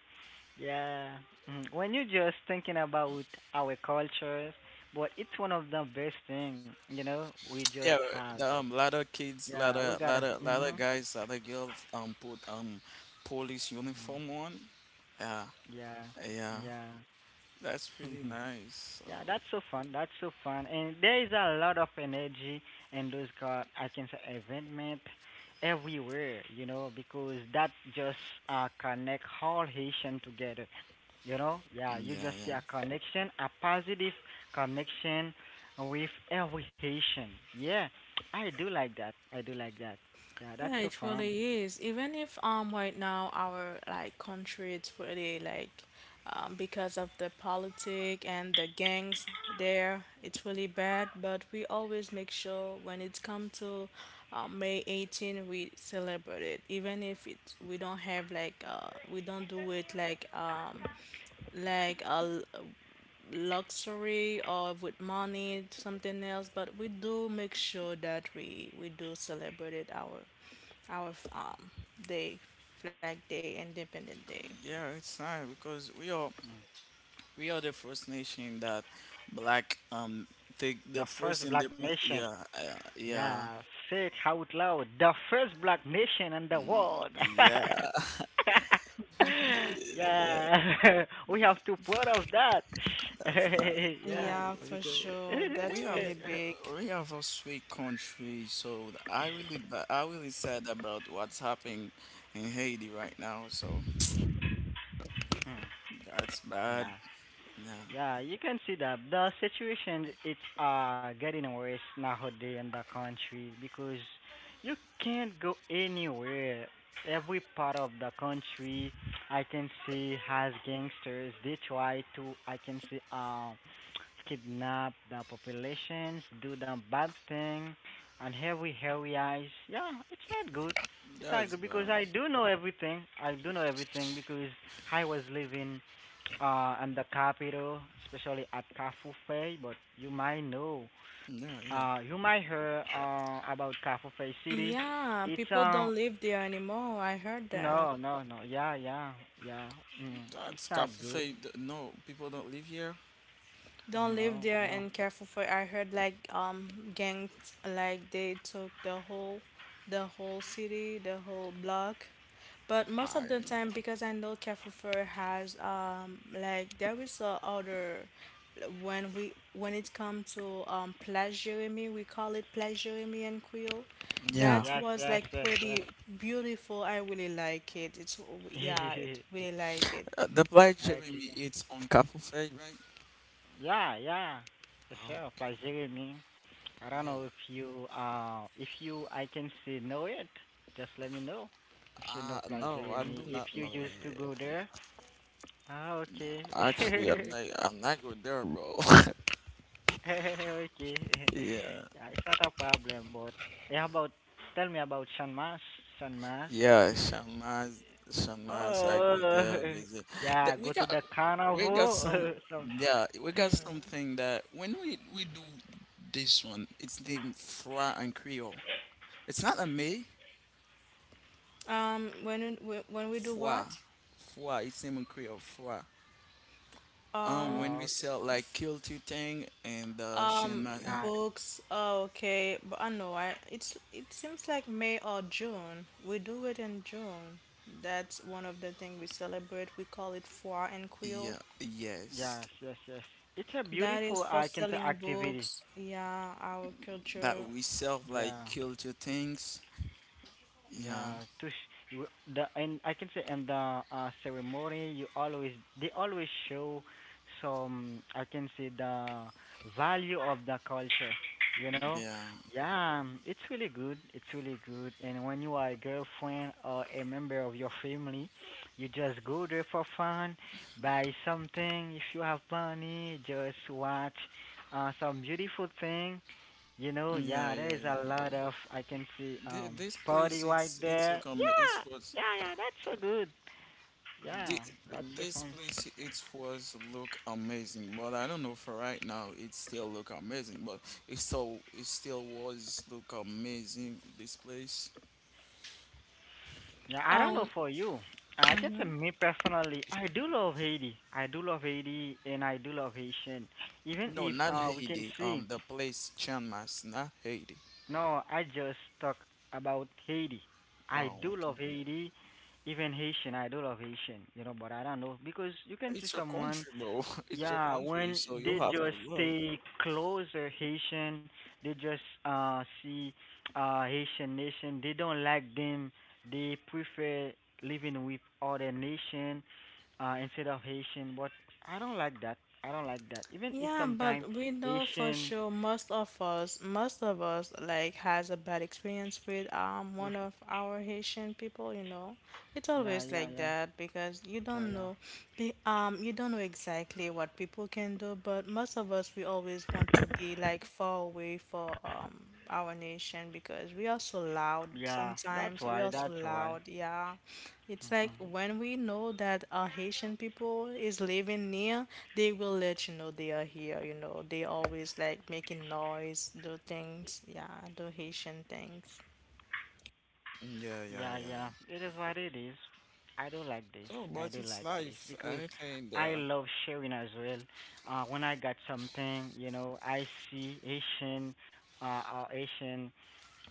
Yeah. Mhm. When you're just thinking about our cultures, but it's one of the best thing, you know, we just
Yeah,
had.
the, um, lot of kids, lot
Yeah, we
of
gotta.
lot of lot
hmm
of guys, lot of girls um put um police uniform on. Yeah,
Yeah,
yeah,
yeah.
that's pretty nice. So
Yeah, that's so fun. That's so fun. And there is a lot of energy in those car I can say event everywhere, you know, because that just uh connect all Haitian together. You know, yeah,
mm,
you
yeah,
just see
yeah,
a connection, a positive connection with every Haitian. Yeah, I do like that. I do like that. Yeah, that's
Yeah,
so
it
fun.
really is. Even if um right now our like country, it's pretty like um because of the politic and the gangs there, it's really bad, but we always make sure when it come to um, May eighteenth, we celebrate it. Even if it we don't have like uh we don't do it like um like uh, luxury or with money, something else, but we do make sure that we we do celebrate it, our our um day, Flag Day, Independent Day.
yeah. It's nice because we all we are the first nation that black um take the
The
first
first black
independent.
nation.
Yeah, uh, yeah,
Yeah, say it out loud. The first black nation in the
mm,
world.
yeah, yeah.
Yeah, we have to proud of that.
That's not
Yeah,
so.
Yeah, for
because.
sure.
We
That's
have
really big.
uh, we have a sweet country. So I really ba- I really sad about what's happening in Haiti right now. So that's bad.
Yeah.
Yeah,
Yeah, you can see that the situation it's uh getting worse nowadays in the country because you can't go anywhere. Every part of the country, I can see has gangsters. They try to, I can see, um, kidnap the populations, do the bad thing, and every areas. Yeah, it's not good. It's not
that's
good because
bad.
I do know everything. I do know everything because I was living uh, and the capital, especially at Kafufe. But you might know,
Yeah,
uh,
yeah.
you might hear uh, about Kafufe City.
Yeah,
It's
people
uh,
don't live there anymore. I heard that.
no, no, no, yeah, yeah, yeah. Mm, it's
That's
not good.
cafe. No, people don't live here.
Don't live
No,
there,
no.
and careful for I heard like um gangs like they took the whole the whole city, the whole block. But most of
Hi.
the time, because I know careful for has um like there is a other when we when it come to um Place Jeremy, we call it Place Jeremy and Creole.
Yeah,
That
Yes,
was
yes,
like
yes, yes.
pretty beautiful. I really like it. It's, yeah, it really like it.
uh, the black
Okay.
Jeremy it's on cafe,
Yeah, yeah. Yes, sir.
right?
Pleasure me. I don't
Yeah,
know if you uh if you I can say know it. Just let me know if you
uh,
know Plaza
no, I do
me. If
not
you
know
used to
it.
go there, ah, okay.
Actually, I'm not, I'm not good there, bro.
Okay.
Yeah,
Yeah, it's not a problem, but yeah, about tell me about San Mas. San Mas.
yeah, Shamaz, Shamaz, I go
Oh,
there visit.
yeah,
That we
go to
got,
the
we got
carnival.
some,
Some.
yeah, we got something that when we we do this one, it's named Froid and Creole. It's not a me,
Um when when when we do
Froid,
what?
Froid. It's named in Creole, Froid. Um,
Um,
when
Oh,
we
okay.
sell like kill two thing and uh,
um,
Shamaz, uh,
Ah,
Books. Oh, okay, but I know I. It's it seems like May or June. We do it in June. That's one of the things we celebrate. We call it Foire and Quill.
yeah, yes.
yes, yes, yes. It's a
That is
beautiful,
for
I can say,
selling
activity.
books. Yeah, our
That
culture.
we serve like
Yeah.
culture things. Yeah,
Yeah, to sh- w- the and I can say in the uh, ceremony you always they always show some I can say the value of the culture, you know.
yeah,
Yeah, um, it's really good. It's really good. And when you are a girlfriend or a member of your family, you just go there for fun, buy something if you have money, just watch uh, some beautiful thing you know, yeah,
yeah,
there
yeah,
is a
yeah,
lot
yeah.
of I can see
Thi-
um
This
party
place,
right
it's it's
there.
look um,
Yeah,
it's was
yeah, yeah, that's so good.
thi-
Yeah, that's so
this
fun.
place, it was look amazing. But I don't know for right now, it still look amazing. But it so it still was look amazing. This place,
Yeah, I don't know
Um,
for you. I can say
mhm.
me personally, I do love Haiti. I do love Haiti and I do love Haitian. Even
no,
if
not
uh we can
Haiti.
see
Um, the place Chiang Mai, not Haiti.
no, I just talk about Haiti. I
Oh,
do love
okay.
Haiti, even Haitian, I do love Haitian, you know, but I don't know because you can see
It's your
someone
country, bro. It's your
yeah,
country,
when
so you
they
have to
just
love.
stay closer Haitian, they just uh see uh Haitian nation. They don't like them. They prefer living with other nation uh instead of Haitian. But I don't like that. I don't like that. Even if
Yeah,
sometimes
but we know for
Haitians
sure, most of us, most of us like has a bad experience with um
with
one of our Haitian people, you know. It's
yeah
always
yeah
like
yeah
that because you
yeah
don't
yeah
know, be- um, you don't know exactly what people can do. But most of us, we always want to be like far away for um our nation, because we are so loud.
yeah. That's
Sometimes we
why.
are
That's
so
why.
loud. Yeah, it's
Mhm.
like when we know that our Haitian people is living near, they will let you know they are here. You know, they always like making noise, do things. Yeah, do Haitian things.
Yeah, yeah,
Yeah,
yeah.
yeah. It is what it is. I do like this.
So,
I
but
do
it's
like this
life.
because
Anything
I
there.
love sharing as well. Uh, when I got something, you know, I see Asian, uh, uh, Asian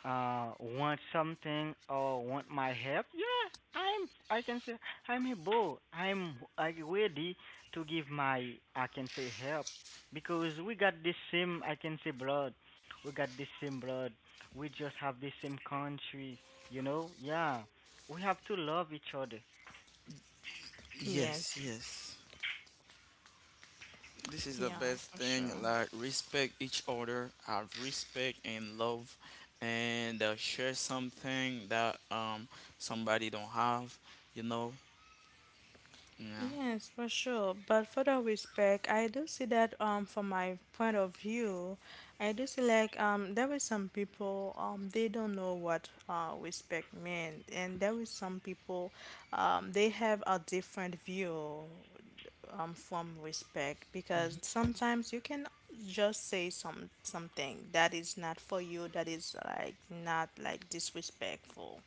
uh want something or want my help yeah i'm i can say i'm a bull i'm I ready to give my I can say help because we got the same I can say blood we got the same blood we just have the same country you know yeah we have to love each other.
Yes.
Yes, yes. This is the
Yeah,
best
for sure.
thing. Like respect each other, have respect and love, and uh, share something that um somebody don't have. You know. Yeah.
Yes, for sure. But for the respect, I do see that um from my point of view, I do see like um there is some people um they don't know what uh respect means, and there is some people um they have a different view um, from respect. Because
Mhm.
sometimes you can just say some something that is not for you, that is like not like disrespectful,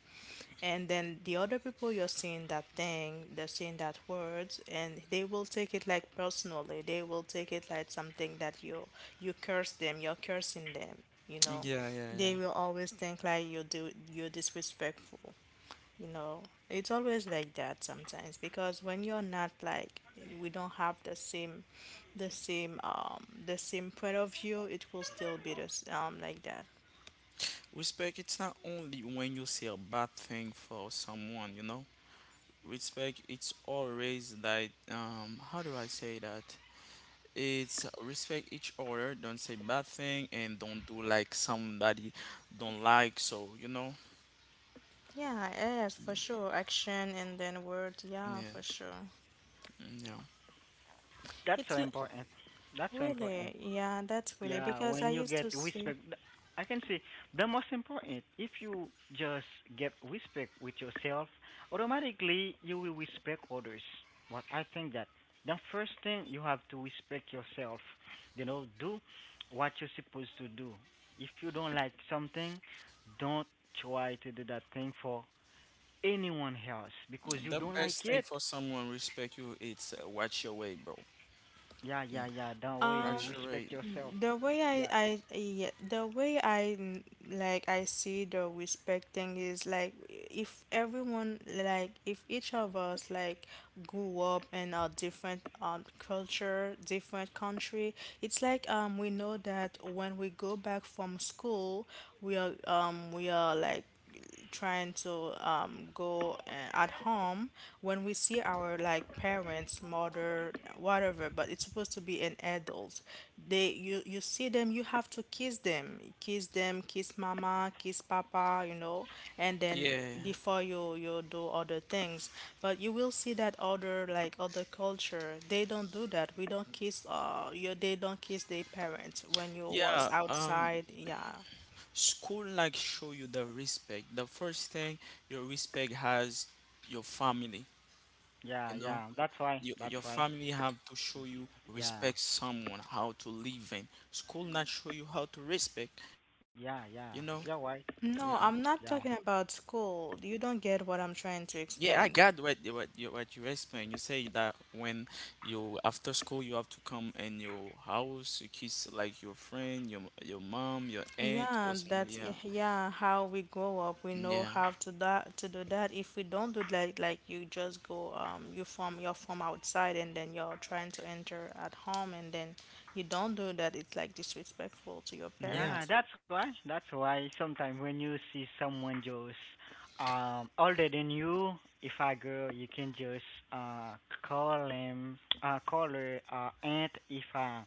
and then the other people, you're seeing that thing, they're seeing that words, and they will take it like personally, they will take it like something that you you curse them, you're cursing them, you know.
Yeah, yeah, yeah.
They will always think like you do you're disrespectful, you know, it's always like that sometimes, because when you're not like we don't have the same the same um the same point of view, it will still be the s- um like that.
Respect, it's not only when you say a bad thing for someone. You know. Respect, it's always that. Um. How do I say that? It's respect each other, don't say bad thing, and don't do like somebody don't like. So you know,
Yeah, yes, for sure. Action and then word, yeah,
yeah,
for sure.
mm, yeah.
That's so
It's li-
important, that's so important.
really, yeah, that's really
Yeah,
because I
when you
used
get
to see.
respect, th- I can say the most important. If you just get respect with yourself, automatically you will respect others. But I think that the first thing you have to respect yourself. You know, do what you're supposed to do. If you don't like something, don't try to do that thing for anyone else because you
The
don't like
best thing
it.
for someone respect you, it's uh, watch your way, bro.
Yeah,
Yeah,
yeah, yeah. That way
Um,
you
watch your way.
respect yourself.
the way I,
Yeah,
I, yeah, the way I, mm, like I see the respect thing is like if everyone, like, if each of us like grew up in a different um culture, different country, it's like um we know that when we go back from school, we are um we are like trying to um, go uh, at home. When we see our like parents, mother, whatever, but it's supposed to be an adult, they, you you see them, you have to kiss them, kiss them, kiss mama, kiss papa, you know, and then
Yeah,
before you you do other things. But you will see that other, like, other culture, they don't do that. We don't kiss uh you, they don't kiss their parents when you was
yeah. Um,
outside, yeah.
school like show you the respect. The first thing your respect has your family.
yeah,
You know,
yeah. That's why.
your
That's
your
why.
family have to show you
Yeah.
respect someone how to live in. School not show you how to respect. You
Yeah,
know,
yeah. You're right.
yeah,
No, I'm not
Yeah.
talking about school. You don't get what I'm trying to
yeah, I got
explain.
what what you what you explained. You say that when you after school you have to come in your house, you kiss like your friend, your your mom, your aunt, or
Yeah,
somebody.
that's
Yeah,
y- yeah, how we grow up. We know
yeah,
how to that to do that. If we don't do that, like you just go um you from you're from outside, and then you're trying to enter at home, and then you don't do that, it's like disrespectful to your
yeah.
Yeah,
parents.
that's why. That's why sometimes when you see someone just um older than you, if I girl, you can just uh call him uh call her uh aunt if a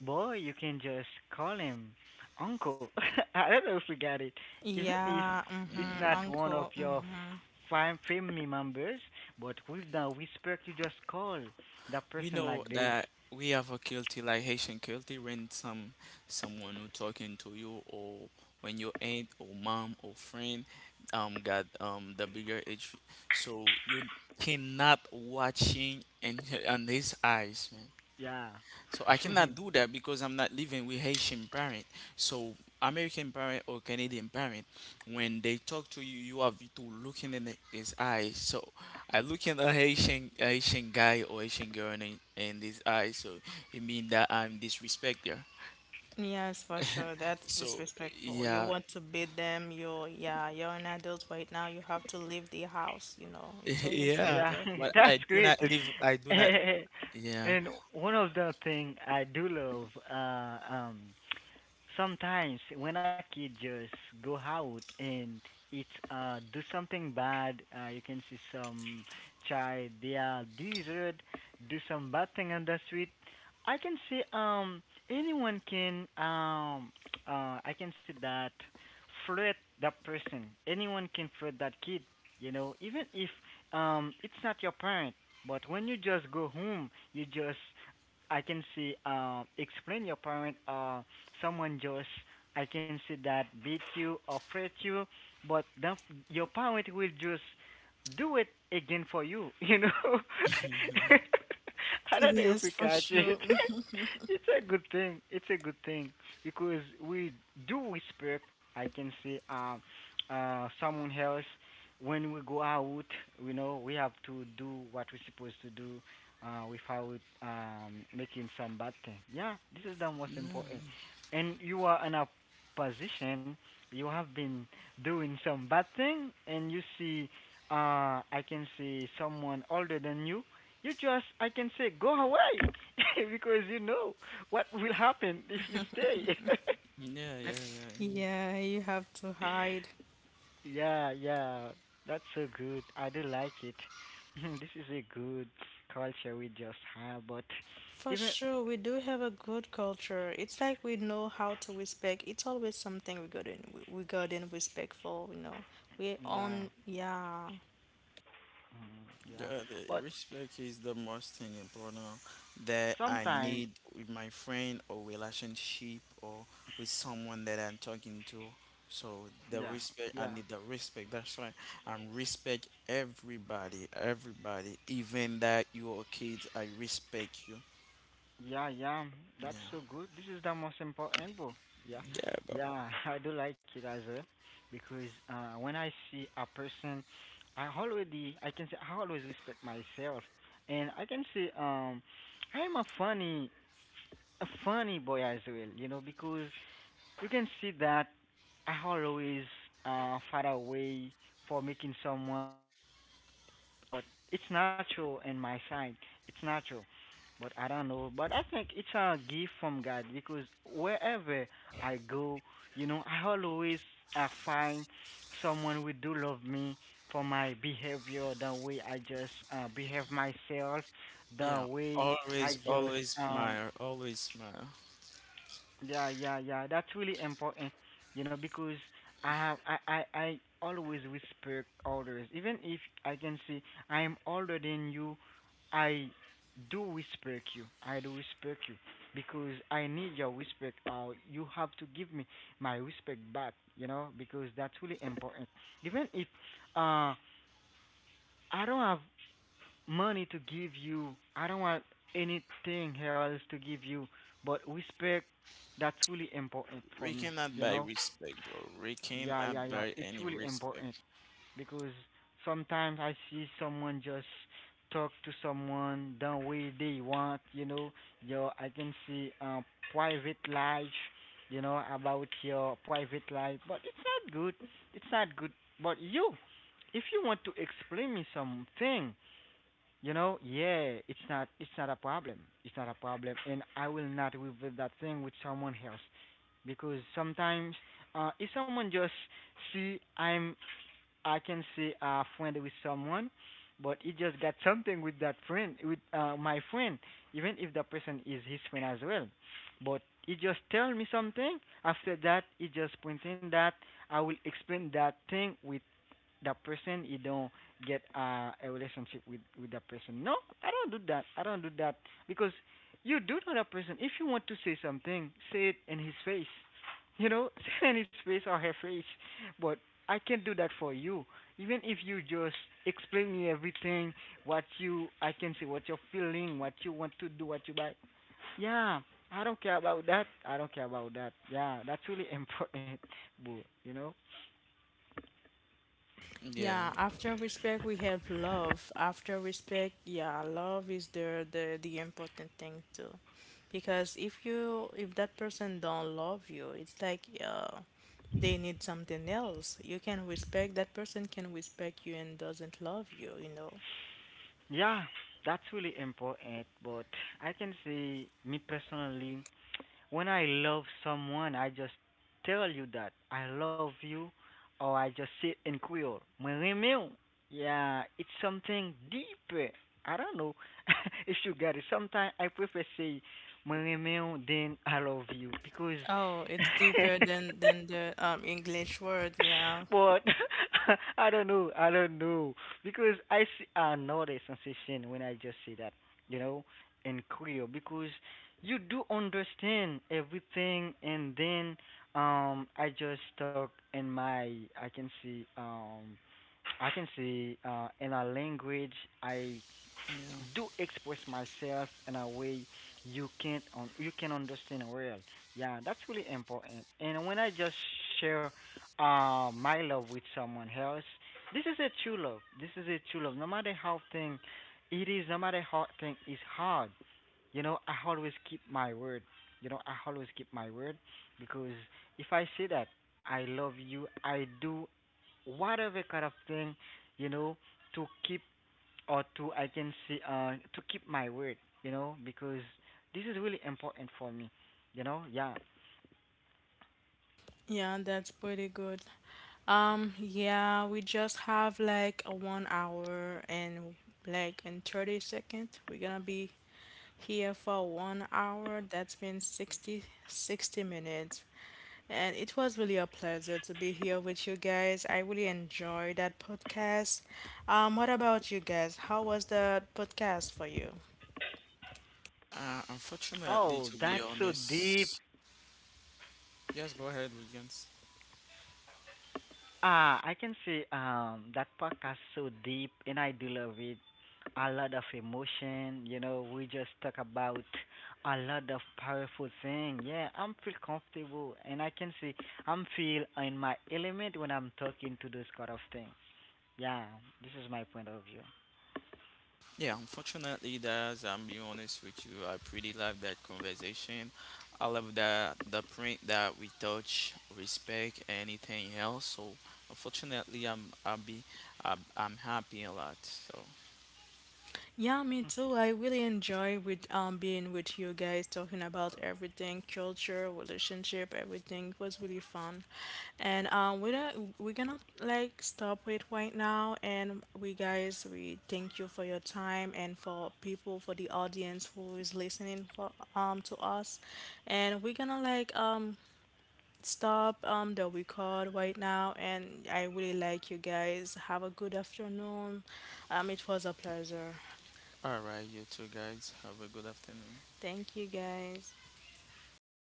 boy, you can just call him uncle. I don't know if you got it. Even if
Yeah,
it's
mm-hmm,
Mm.
not one of
uncle,
your
mm-hmm.
fam- family members, but with the whisper, you just call that
We
person
know
like this.
that we have a guilty like Haitian guilty when some someone who talking to you or when your aunt or mom or friend um got um the bigger age, so you cannot watching in on his eyes.
Yeah.
So I cannot do that because I'm not living with Haitian parent. So American parent or Canadian parent, when they talk to you, you have to look in the- his eyes. So I look in a Haitian Haitian guy or Haitian girl in, in his eyes. So it means that I'm disrespect her.
Yes, for sure. That's
So
disrespectful. You
yeah,
want to beat them. You're, yeah, you're an adult right now. You have to leave the house. You know, it's always
yeah.
like
Yeah,
that.
But I
that's
do
great.
not live. I do not. Yeah.
And one of the thing I do love, uh, um, sometimes when a kid just go out and it uh do something bad, uh, you can see some child they are desert, do some bad thing on the street. I can see um anyone can um uh I can see that flirt that person. Anyone can flirt that kid, you know, even if um it's not your parent. But when you just go home, you just I can see uh, explain your parent. Uh, someone just I can see that beat you or fret you, but the, your parent will just do it again for you. You know. I don't know if
Yes,
we
for
catch
sure.
it. It's a good thing. It's a good thing because we do respect. I can see um uh someone else when we go out. You know we have to do what we're supposed to do uh, without um, making some bad thing. Yeah, this is the most important. And you are in a position you have been doing some bad thing, and you see, uh, I can see someone older than you. You just, I can say, go away, because you know what will happen if you stay.
Yeah. Yeah. Yeah.
Yeah, you have to hide.
Yeah, yeah, that's so good. I do like it. This is a good culture we just have, but
For
even
sure, we do have a good culture. It's like we know how to respect. It's always something we got in. We we got respectful, you know. We
yeah,
on, yeah.
mm, yeah,
The, the
but
respect is the most thing important that I need
sometime,
with my friend or relationship or with someone that I'm talking to. So the
yeah,
respect,
yeah,
I need the respect. That's why I'm respect everybody, everybody, even that you are kids. I respect you.
yeah, yeah. That's
Yeah,
so good. This is the most important book. Yeah,
yeah, bro.
yeah. I do like it as well because uh, when I see a person, I already, I can say, I always respect myself, and I can say, um, I'm a funny, a funny boy as well. You know, because you can see that Aharo is uh, far away for making someone laughing, you know, but it's natural in my side. It's natural. But I don't know. But I think it's a gift from God because wherever I go, you know, I always uh, find someone who do love me for my behavior, the way I just uh, behave myself, the
Yeah,
way
always,
I just
always
um,
smile, always smile.
yeah, yeah, yeah. That's really important, you know, because I have I I, I always respect others. Even if I can say I am older than you, I do respect you. I do respect you because I need your respect. Or you have to give me my respect back, you know, because that's really important. Even if uh I don't have money to give you. I don't want anything else to give you, but respect. That's really important for
We
me.
cannot
You
buy
know?
respect, bro. We
Yeah,
cannot
yeah, yeah.
buy
It's
any
really important
respect.
because sometimes I see someone just talk to someone the way they want. You know, your I can see uh, private life. You know about your private life, but it's not good. It's not good. But you, if you want to explain me something you know, yeah, it's not it's not a problem. It's not a problem, and I will not reveal that thing with someone else because sometimes uh, if someone just see I'm I can see a friend with someone, but he just got something with that friend with uh, my friend, even if the person is his friend as well, but he just tell me something. After that, he just pointing that I will explain that thing with that person you don't get uh, a relationship with with that person no i don't do that I don't do that because you do know that person if you want to say something say it in his face you know say it in his face or her face but I can't do that for you even if you just explain me everything what you I can see what you're feeling what you want to do what you like yeah i don't care about that I don't care about that yeah that's really important boo you know.
Yeah,
Yeah, after respect we have love. After respect, yeah, love is the the the important thing too. Because if you if that person don't love you, it's like uh they need something else. You can respect that person, can respect you, and doesn't love you, you know.
Yeah, that's really important. But I can say, me personally, when I love someone, I just tell you that I love you, or I just say it in Creole, "Me remeu." Yeah, it's something deeper. I don't know if you get it. Sometimes I prefer say, "Me remeu," than "I love you," because
Oh, it's deeper than than the um English word, yeah.
but I don't know. I don't know because I see another sensation when I just say that, you know, in Creole because you do understand everything, and then um I just talk in my I can see um I can see uh in a language I
yeah.
do express myself in a way you can't un- you can understand well. Yeah, that's really important. And when I just share uh my love with someone else, this is a true love. This is a true love. No matter how thing it is, no matter how thing is hard, you know, I always keep my word. You know, I always keep my word because if I say that I love you, I do whatever kind of thing, you know, to keep or to I can see uh to keep my word, you know, because this is really important for me, you know. Yeah.
Yeah, that's pretty good. Um, yeah, we just have like a one hour, and like in thirty seconds, we're gonna be here for one hour. That's been sixty sixty minutes. And it was really a pleasure to be here with you guys. I really enjoyed that podcast. Um, what about you guys? How was the podcast for you?
Uh, unfortunately,
Oh,
to be
that's so deep.
honest, yes, go ahead, Williams.
Ah, I can see um that podcast so deep, and I deal with a lot of emotion. You know, we just talk about a lot of powerful thing. Yeah, I'm feel comfortable, and I can see I'm feel in my element when I'm talking to those kind of things. Yeah, this is my point of view.
Yeah, unfortunately, that's I'm being honest with you. I pretty love that conversation. I love that the print that we touch, respect, anything else. So, unfortunately, I'm I'll be I'm, I'm happy a lot. So,
Yeah, me too. I really enjoy with um being with you guys talking about everything, culture, relationship, everything. It was really fun. And um we're not, we're gonna like stop it right now, and we guys we thank you for your time, and for people for the audience who is listening for um to us. And we're gonna like um stop um the record right now, and I really like you guys. Have a good afternoon. Um it was a pleasure.
all right, you two guys, have a good afternoon.
Thank you guys.